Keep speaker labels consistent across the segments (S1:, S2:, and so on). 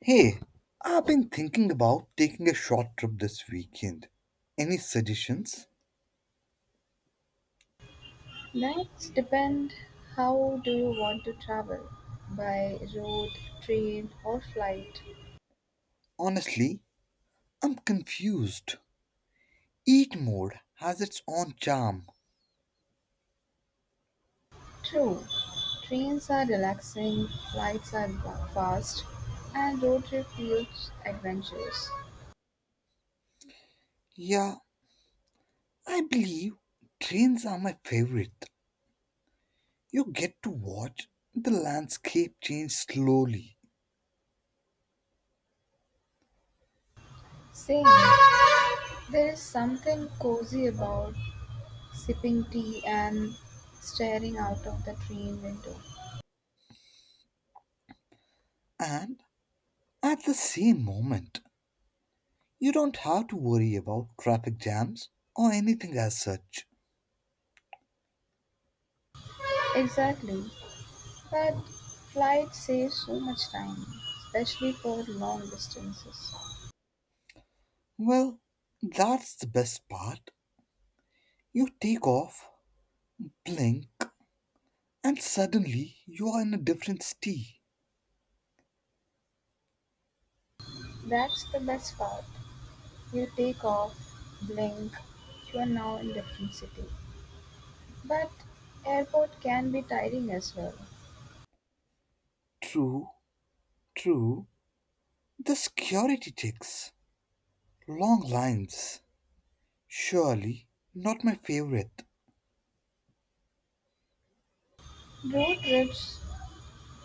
S1: Hey, I've been thinking about taking a short trip this weekend. Any suggestions?
S2: That's depend how do you want to travel by road, train or flight?
S1: Honestly, I'm confused. Eat mode has its own charm.
S2: True. Trains are relaxing, flights are fast and road trip feels adventurous.
S1: Yeah, I believe trains are my favorite. You get to watch the landscape change slowly,
S2: Same. There is something cozy about sipping tea and staring out of the train window.
S1: and at the same moment, you don't have to worry about traffic jams or anything as such.
S2: Exactly. But flight saves so much time, especially for long distances.
S1: Well, that's the best part. You take off, blink, and suddenly you are in a different city.
S2: That's the best part. You take off, blink, you are now in different city. But airport can be tiring as well.
S1: True, true. The security checks. Long lines. Surely not my favorite.
S2: Road trips,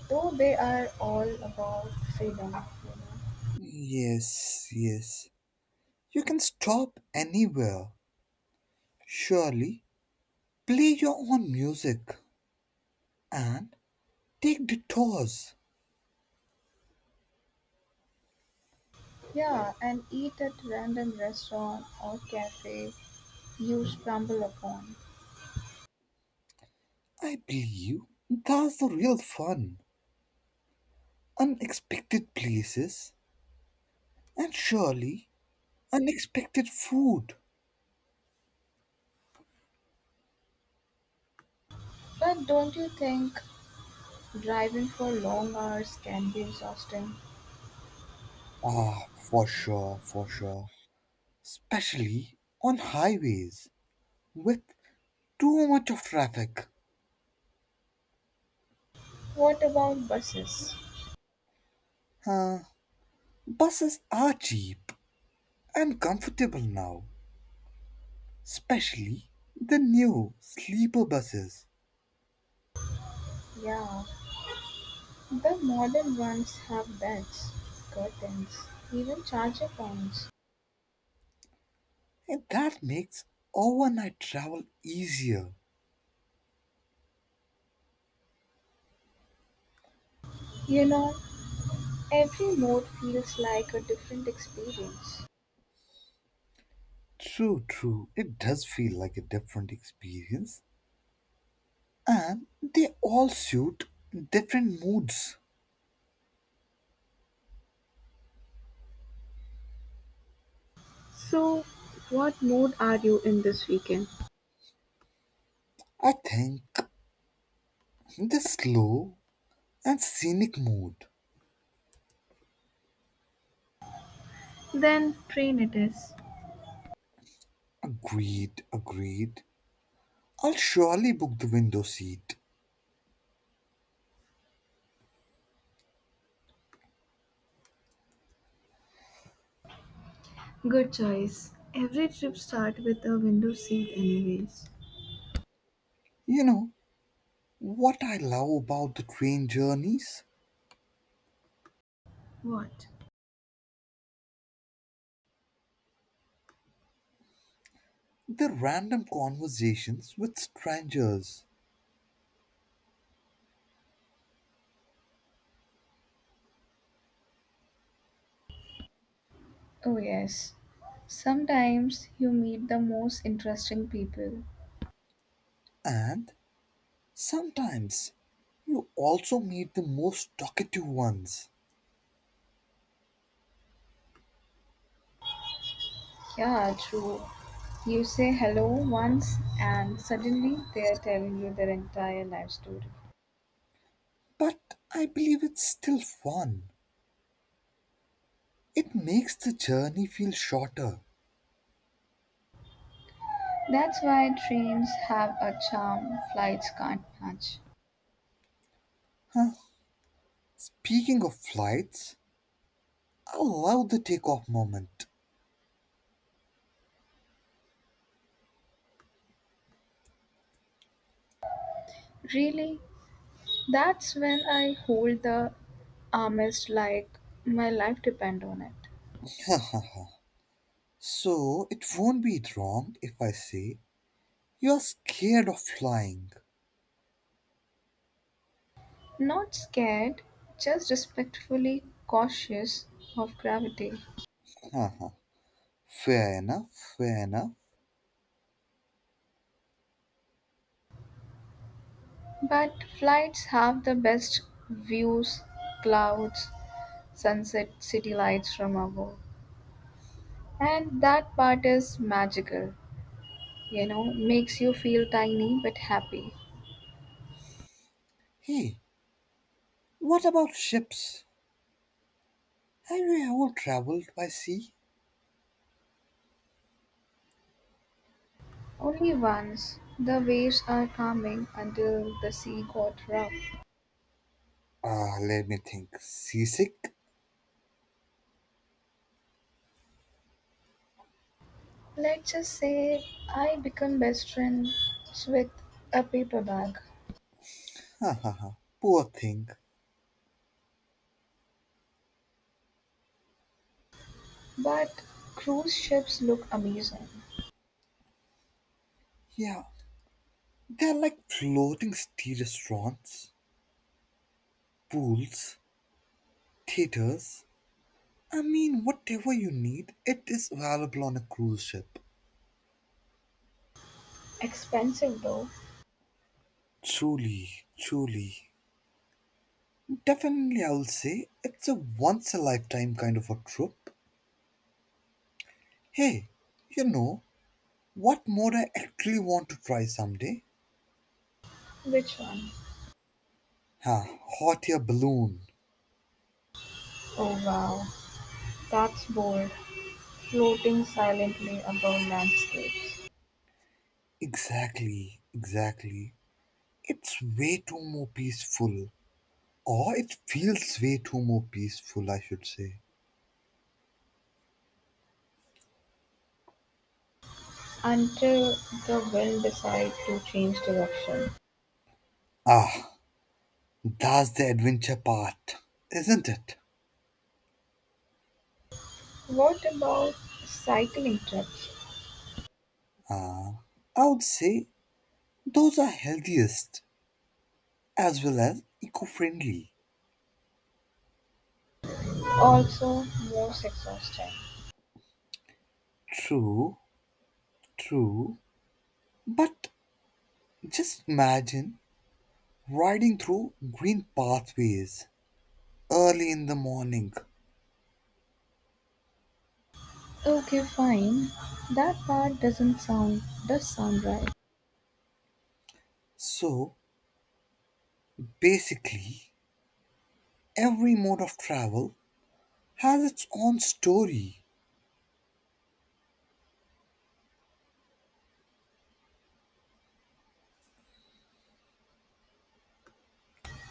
S2: though they are all about freedom.
S1: Yes, yes. You can stop anywhere. Surely play your own music and take detours.
S2: Yeah, and eat at random restaurant or cafe you stumble upon.
S1: I believe that's the real fun. Unexpected places and surely unexpected food.
S2: But don't you think driving for long hours can be exhausting?
S1: Ah, for sure, for sure. Especially on highways with too much of traffic.
S2: What about buses?
S1: Uh, Buses are cheap and comfortable now, especially the new sleeper buses.
S2: Yeah, the modern ones have beds, curtains, even charger points.
S1: And that makes overnight travel easier.
S2: You know, every mode feels like a different experience.
S1: True, true. It does feel like a different experience. And they all suit different moods.
S2: So, what mood are you in this weekend?
S1: I think the slow and scenic mood.
S2: Then train it is.
S1: Agreed, agreed. I'll surely book the window seat.
S2: Good choice. Every trip starts with a window seat anyways.
S1: You know, what I love about the train journeys?
S2: What?
S1: The random conversations with strangers.
S2: Oh yes. Sometimes you meet the most interesting people.
S1: And sometimes you also meet the most talkative ones.
S2: Yeah, true. You say hello once and suddenly they are telling you their entire life story.
S1: But I believe it's still fun. It makes the journey feel shorter.
S2: That's why trains have a charm flights can't match.
S1: Huh. Speaking of flights, I love the takeoff moment.
S2: Really, that's when I hold the armist like my life depend on it.
S1: So it won't be wrong if I say you're scared of flying.
S2: Not scared, just respectfully cautious of gravity.
S1: Uh-huh. Fair enough, fair enough.
S2: But flights have the best views, clouds, sunset, city lights from above. And that part is magical, makes you feel tiny but happy.
S1: Hey, what about ships? Have you ever traveled by sea?
S2: Only once the waves are calming until the sea got rough.
S1: Ah, let me think. Seasick?
S2: Let's just say I become best friends with a paper bag.
S1: Ha ha ha. Poor thing.
S2: But cruise ships look amazing.
S1: Yeah, they're like floating tea restaurants, pools, theaters. I mean, whatever you need, it is available on a cruise ship.
S2: Expensive though.
S1: Truly, truly. Definitely, I will say it's a once a lifetime kind of a trip. Hey, you know, what mode I actually want to try someday?
S2: Which one?
S1: Huh, hot air balloon.
S2: Oh wow, that's bold. Floating silently above landscapes
S1: Exactly, exactly. It's way too more peaceful. Or it feels way too more peaceful, I should say.
S2: until the wind decides to change direction.
S1: Ah, that's the adventure part, isn't it?
S2: What about cycling trips?
S1: I would say those are healthiest as well as eco friendly.
S2: Also, most exhausting.
S1: True, true. But just imagine riding through green pathways early in the morning.
S2: Okay, fine. That part doesn't sound does sound right.
S1: So basically, every mode of travel has its own story,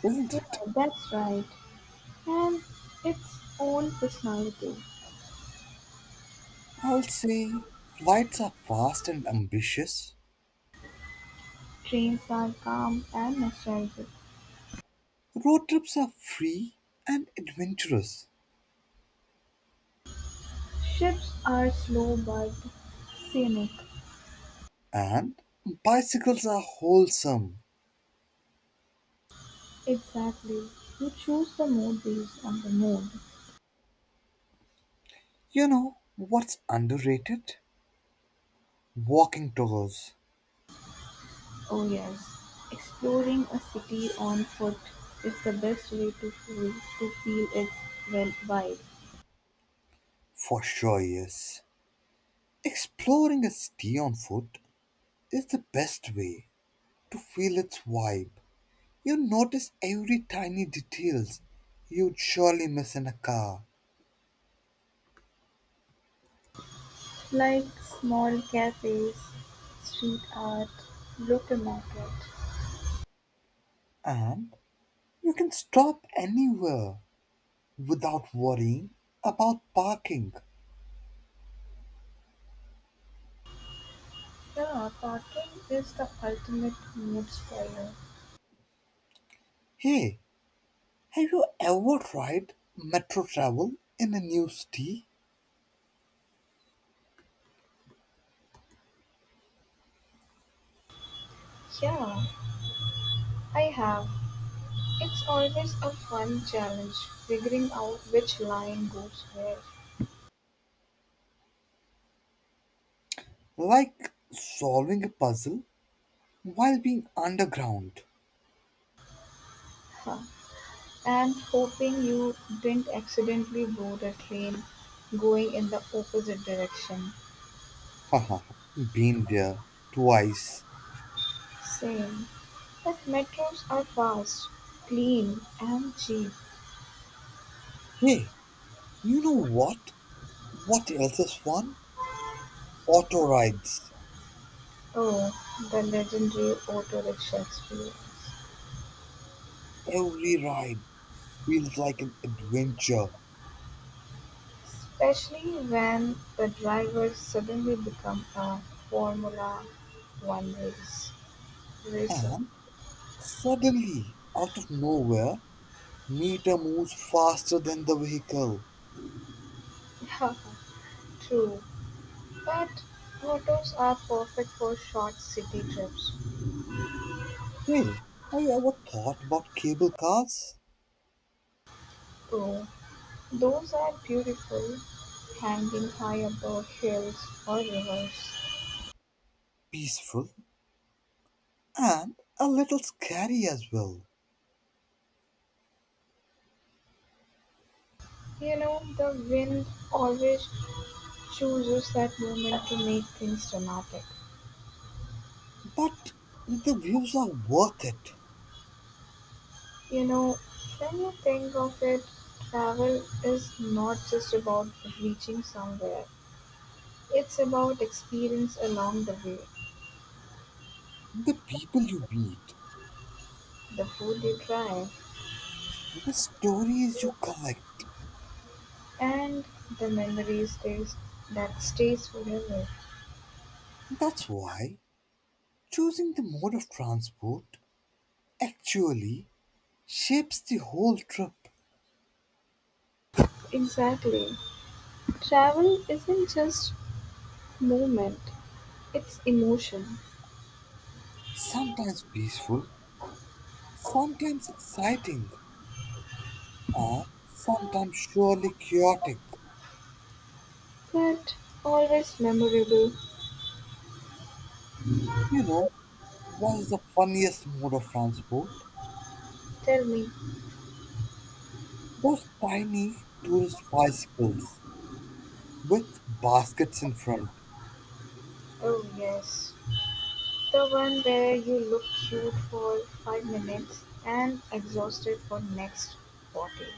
S1: isn't
S2: Yeah,
S1: it?
S2: that's right. And its own personality.
S1: I'll say flights are fast and ambitious,
S2: Trains are calm and nostalgic.
S1: road trips are free and adventurous,
S2: Ships are slow but scenic.
S1: and bicycles are wholesome.
S2: Exactly. You choose the mood based on the mood.
S1: You know what's underrated? Walking tours,
S2: Oh, yes. Exploring a city on foot is the best way to feel its well vibe.
S1: for sure, yes. Exploring a city on foot is the best way to feel its vibe. You notice every tiny details you'd surely miss in a car,
S2: Like small cafes, street art, local market.
S1: and you can stop anywhere without worrying about parking.
S2: Yeah, parking is the ultimate mood spoiler.
S1: Hey, have you ever tried metro travel in a new city?
S2: Yeah, I have. It's always a fun challenge figuring out which line goes where.
S1: Like solving a puzzle while being underground.
S2: Huh. And hoping you didn't accidentally board a train going in the opposite direction.
S1: Haha, been there twice.
S2: Same. But metros are fast, clean, and cheap.
S1: Hey, you know what? What else is fun? Auto rides.
S2: Oh, the legendary auto rickshaw experience.
S1: Every ride feels like an adventure.
S2: Especially when the drivers suddenly become a Formula One racer.
S1: And suddenly, out of nowhere, Nita moves faster than the vehicle.
S2: True. But autos are perfect for short city trips.
S1: Well, have you ever thought about cable cars?
S2: Oh, those are beautiful, hanging high above hills or rivers.
S1: Peaceful and a little scary as well.
S2: You know, the wind always chooses that moment to make things dramatic.
S1: But the views are worth it.
S2: You know, when you think of it, travel is not just about reaching somewhere. It's about experience along the way.
S1: The people you meet,
S2: The food you try.
S1: the stories you collect.
S2: And the memory stays that stays forever.
S1: That's why choosing the mode of transport actually shapes the whole trip.
S2: Exactly. Travel isn't just movement, it's emotion.
S1: Sometimes peaceful, sometimes exciting and sometimes surely chaotic.
S2: But always memorable.
S1: You know, what's the funniest mode of transport?
S2: Tell me.
S1: Those tiny tourist bicycles with baskets in front.
S2: Oh, yes. The one where you look cute for 5 minutes and exhausted for next 40.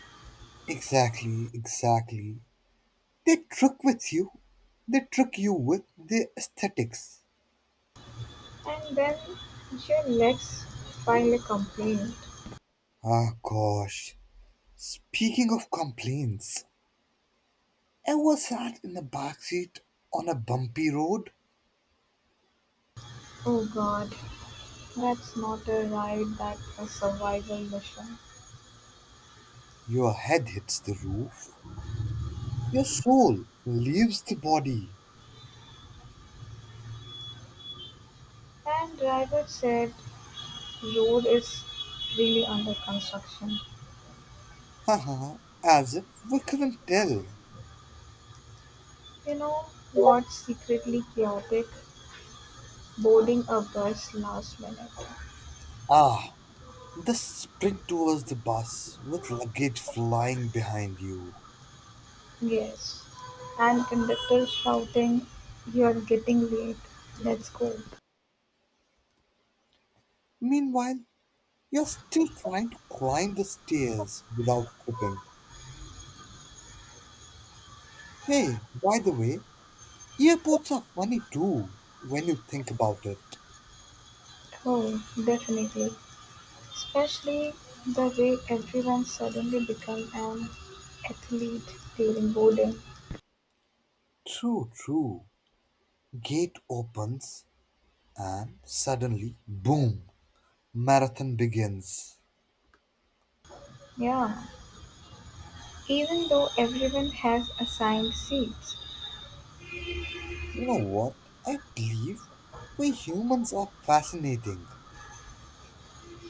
S1: Exactly, exactly. They trick with you. They trick you with their aesthetics.
S2: And then your legs file a complaint.
S1: Ah, gosh. Speaking of complaints, ever sat in the backseat on a bumpy road?
S2: Oh god, that's not a ride, that's a survival mission.
S1: Your head hits the roof, your soul leaves the body.
S2: And driver said road is really under construction.
S1: Haha, as if we couldn't tell.
S2: You know what's secretly chaotic? Boarding a bus last minute.
S1: Ah, the sprint towards the bus with luggage flying behind you.
S2: Yes. And conductor shouting, you're getting late. Let's go.
S1: Meanwhile, you're still trying to climb the stairs without tripping. Hey, by the way, airports are funny too when you think about it.
S2: Oh, definitely. Especially the way everyone suddenly become an athlete during boarding.
S1: True, true. Gate opens and suddenly, boom, marathon begins.
S2: Yeah. Even though everyone has assigned seats.
S1: You know what? I believe we humans are fascinating.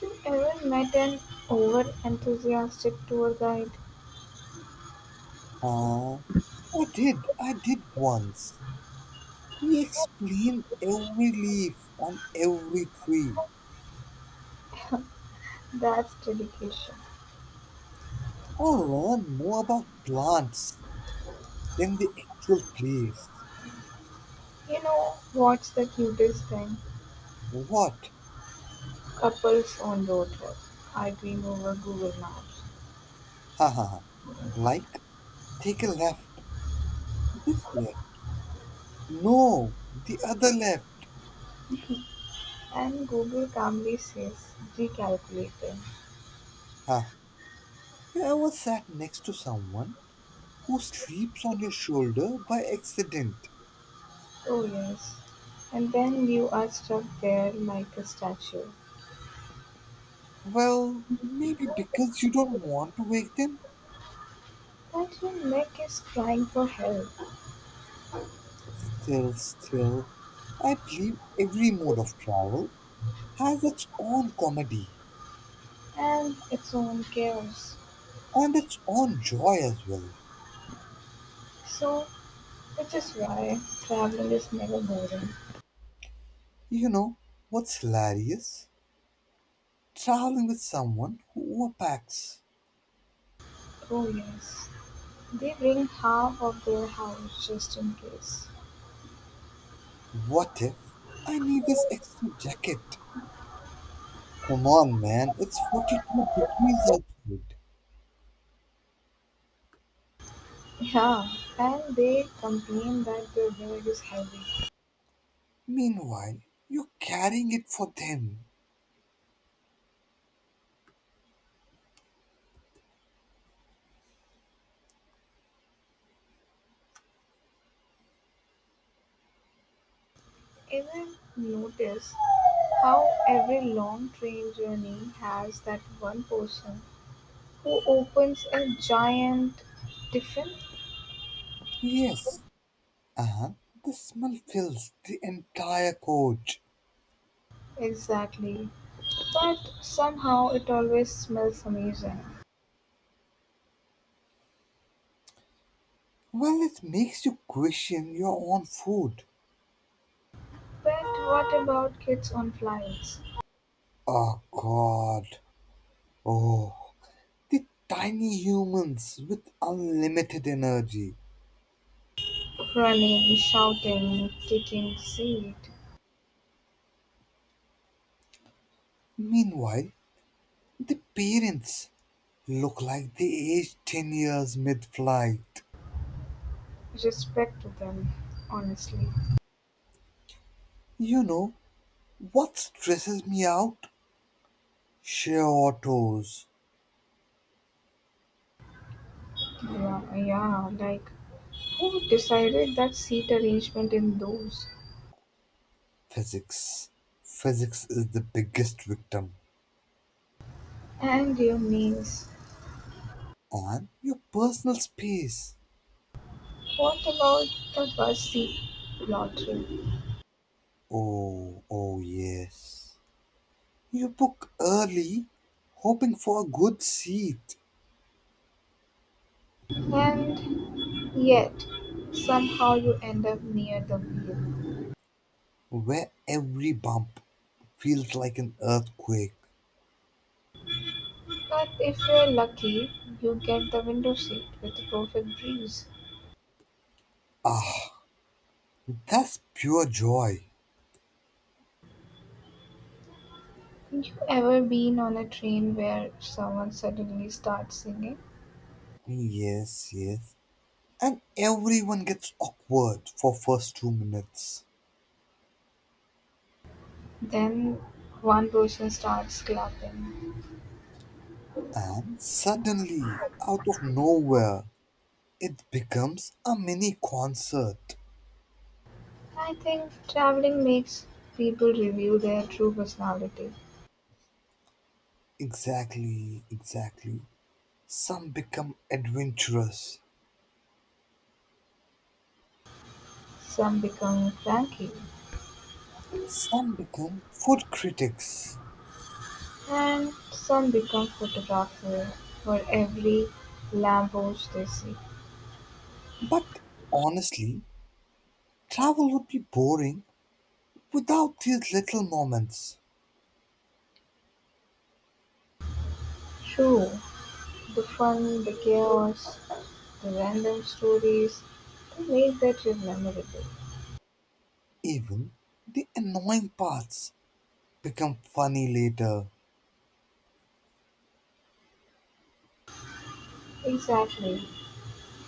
S2: You Ever met an over-enthusiastic tour guide?
S1: I did. I did once. He explained every leaf on every tree.
S2: That's dedication.
S1: I learned more about plants than the actual place.
S2: You know what's the cutest thing?
S1: What?
S2: Couples on road trip arguing over Google Maps.
S1: Haha. Like, take a left. This left. No, the other left.
S2: And Google calmly says, recalculating.
S1: Ha. You ever sat next to someone who sleeps on your shoulder by accident?
S2: Oh yes. And then you are stuck there like a statue.
S1: Well, maybe because you don't want to wake them.
S2: But your neck is crying for help
S1: Still, still, I believe every mode of travel has its own comedy
S2: and its own chaos.
S1: and its own joy as well.
S2: So, which is why traveling is never boring.
S1: You know what's hilarious? Traveling with someone who overpacks.
S2: Oh yes. They bring half of their house just in case.
S1: What if I need this extra jacket? Come on, man, it's 42 degrees outside.
S2: Yeah, and they complain that their hair is heavy.
S1: Meanwhile, you're carrying it for them.
S2: Ever notice how every long train journey has that one person who opens a giant tiffin?
S1: Yes, uh-huh. The smell fills the entire coach.
S2: Exactly. But somehow it always smells amazing.
S1: Well, it makes you question your own food.
S2: But what about kids on flights?
S1: Oh god. Oh. The tiny humans with unlimited energy.
S2: Running, shouting, taking seat.
S1: Meanwhile, the parents look like they aged 10 years mid flight.
S2: Respect to them, honestly.
S1: You know, what stresses me out? Sheer autos.
S2: Yeah, like who decided that seat arrangement in those?
S1: Physics. Physics is the biggest victim.
S2: And their names.
S1: And your personal space.
S2: What about the bus seat lottery?
S1: Oh, oh yes. You book early, hoping for a good seat
S2: And yet, somehow you end up near the wheel.
S1: where every bump feels like an earthquake.
S2: But if you're lucky, you get the window seat with a perfect breeze.
S1: Ah, that's pure joy.
S2: You ever been on a train where someone suddenly starts singing?
S1: Yes, yes. And everyone gets awkward for first 2 minutes.
S2: Then one person starts clapping.
S1: And suddenly, out of nowhere, it becomes a mini concert.
S2: I think traveling makes people reveal their true personality.
S1: Exactly, exactly. Some become adventurous,
S2: Some become cranky,
S1: some become food critics.
S2: and some become photographer for every Lambos they see.
S1: But honestly, travel would be boring without these little moments.
S2: True, the fun, the chaos, the random stories, they make that trip memorable.
S1: Even the annoying parts become funny later.
S2: Exactly.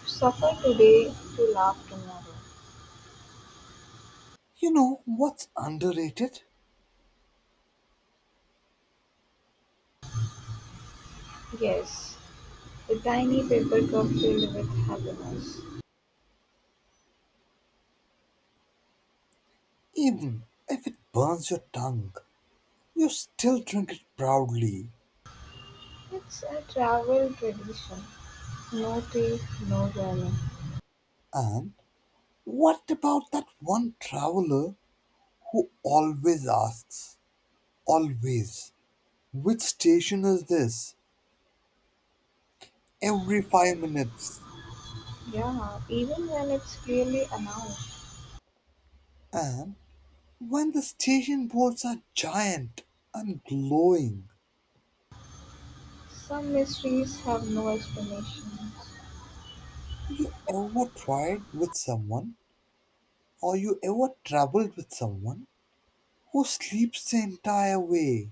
S2: Suffer today to laugh tomorrow.
S1: You know what's underrated?
S2: Yes, the tiny paper cup filled with happiness.
S1: Even if it burns your tongue, you still drink it proudly.
S2: It's a travel tradition. No tape, no warning.
S1: And what about that one traveler who always asks, always, which station is this? Every 5 minutes.
S2: Yeah, even when it's clearly announced.
S1: And when the station boards are giant and glowing,
S2: Some mysteries have no explanations.
S1: you ever tried with someone or you ever traveled with someone who sleeps the entire way?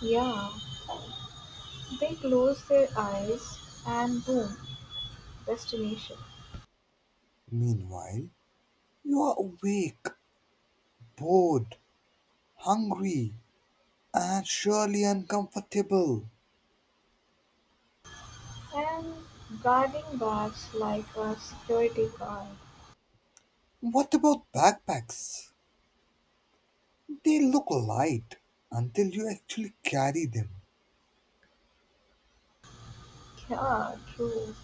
S2: Yeah, they close their eyes and boom, destination.
S1: Meanwhile, you are awake, bored, hungry, and surely uncomfortable.
S2: And guarding bags like a security guard.
S1: What about backpacks? They look light until you actually carry them,
S2: Yeah, true.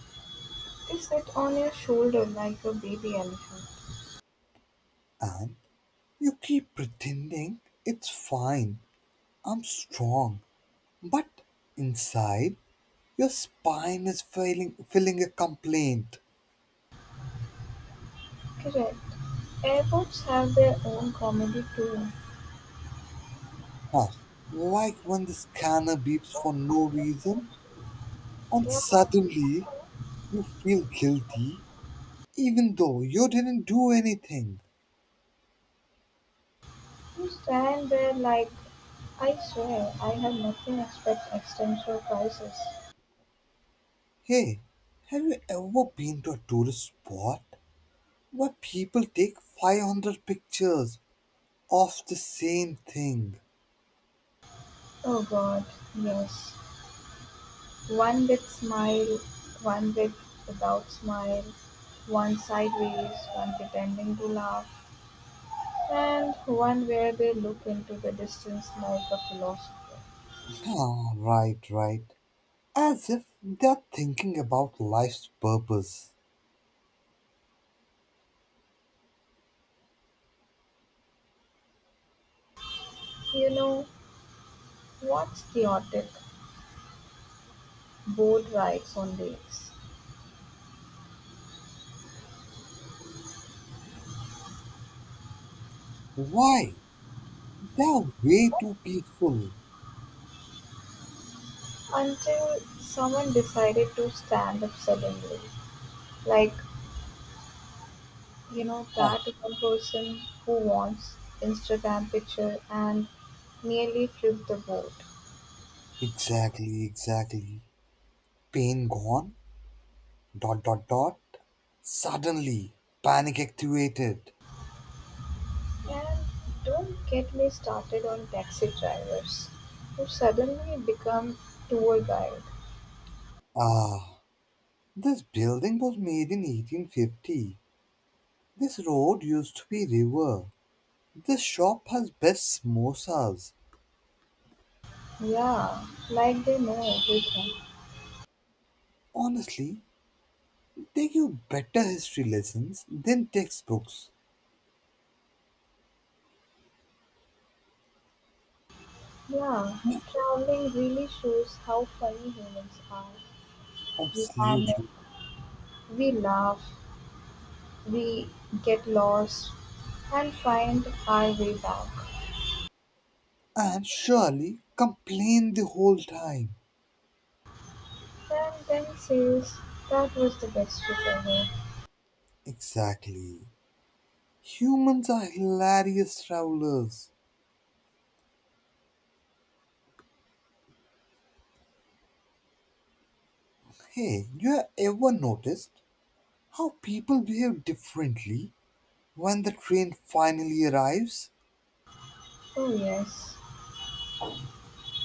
S2: They sit on your shoulder like a baby elephant.
S1: and you keep pretending it's fine, I'm strong. But inside, your spine is feeling a complaint.
S2: Correct. Airports have their own comedy too.
S1: Huh. Like when the scanner beeps for no reason, and
S2: Yeah.
S1: suddenly you feel guilty even though you didn't do anything.
S2: You stand there like, I swear, I have nothing except existential crisis.
S1: Hey, have you ever been to a tourist spot where people take 500 pictures of the same thing?
S2: Oh God, yes. One with smile, one without smile, one sideways, one pretending to laugh, and one where they look into the distance like a philosopher.
S1: Ah, right, right. As if they're thinking about life's purpose.
S2: You know, what's chaotic? Boat rides on lakes.
S1: Why? They are way too peaceful.
S2: Until someone decided to stand up suddenly, like you know,
S1: Ah,
S2: that one person who wants Instagram picture and nearly flipped the boat.
S1: exactly, exactly. Pain gone, dot, dot, dot. Suddenly, panic activated.
S2: And don't get me started on taxi drivers who suddenly become tour guide.
S1: Ah, this building was made in 1850. This road used to be river. This shop has best samosas.
S2: Yeah, like they know everything.
S1: Honestly, they give better history lessons than textbooks.
S2: Yeah, traveling really shows how funny humans are. We panic,
S1: Absolutely.
S2: we laugh, we get lost, and find our way back.
S1: And surely complain the whole time.
S2: And then says, that was the best trip ever.
S1: Exactly. Humans are hilarious travelers. Hey, you have ever noticed how people behave differently when the train finally arrives?
S2: Oh, yes.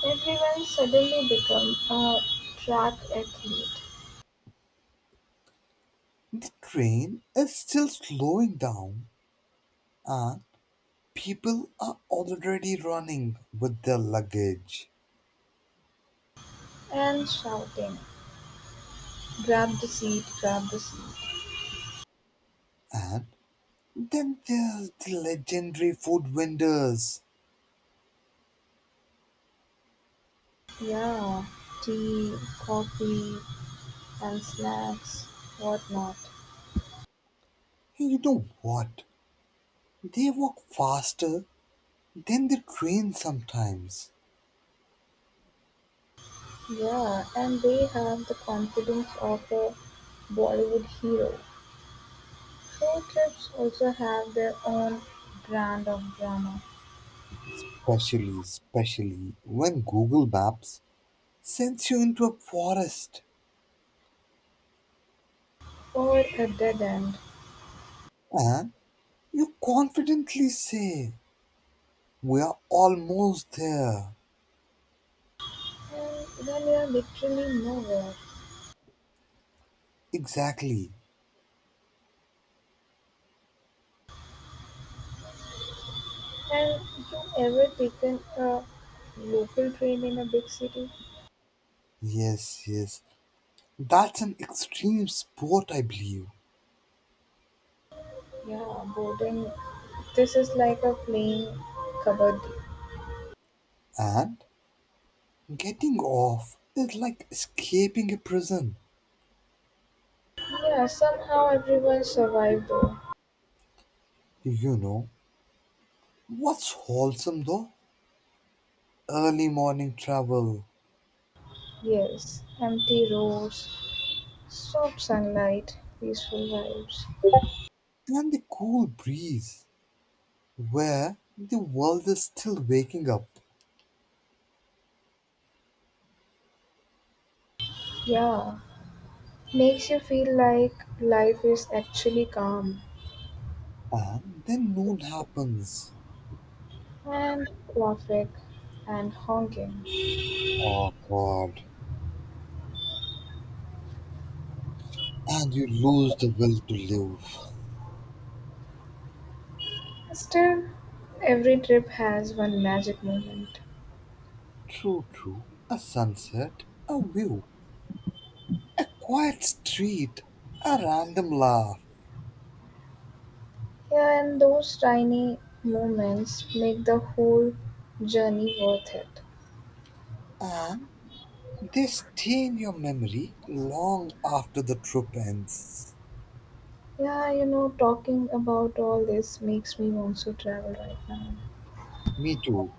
S2: Everyone suddenly become a track athlete
S1: The train is still slowing down, and people are already running with their luggage.
S2: and shouting, grab the seat, grab the seat.
S1: And then there's the legendary food vendors.
S2: Yeah, tea, coffee, and snacks, whatnot.
S1: Hey, you know what? They walk faster than the train sometimes.
S2: Yeah, and they have the confidence of a Bollywood hero. Road trips also have their own brand of drama.
S1: Especially, especially when Google Maps sends you into a forest
S2: Or a dead end
S1: and you confidently say, we are almost there.
S2: and when you're literally nowhere.
S1: Exactly.
S2: And you ever taken a local train in a big city?
S1: Yes, yes. That's an extreme sport, I believe.
S2: Yeah, boarding. This is like a plane kabaddi.
S1: And getting off is like escaping a prison.
S2: Yeah, somehow everyone survived though.
S1: You know, what's wholesome though? Early morning travel
S2: Yes, empty roads, soft sunlight, peaceful vibes.
S1: and the cool breeze where the world is still waking up.
S2: Yeah, makes you feel like life is actually calm
S1: And then noon happens.
S2: and traffic and honking.
S1: Oh God. And you lose the will to live.
S2: Still, every trip has one magic moment.
S1: True, true. A sunset, a view, a quiet street, a random laugh.
S2: Yeah, and those tiny moments make the whole journey worth it.
S1: And they stay in your memory long after the trip ends.
S2: Yeah, you know, talking about all this makes me want to travel right now.
S1: Me too.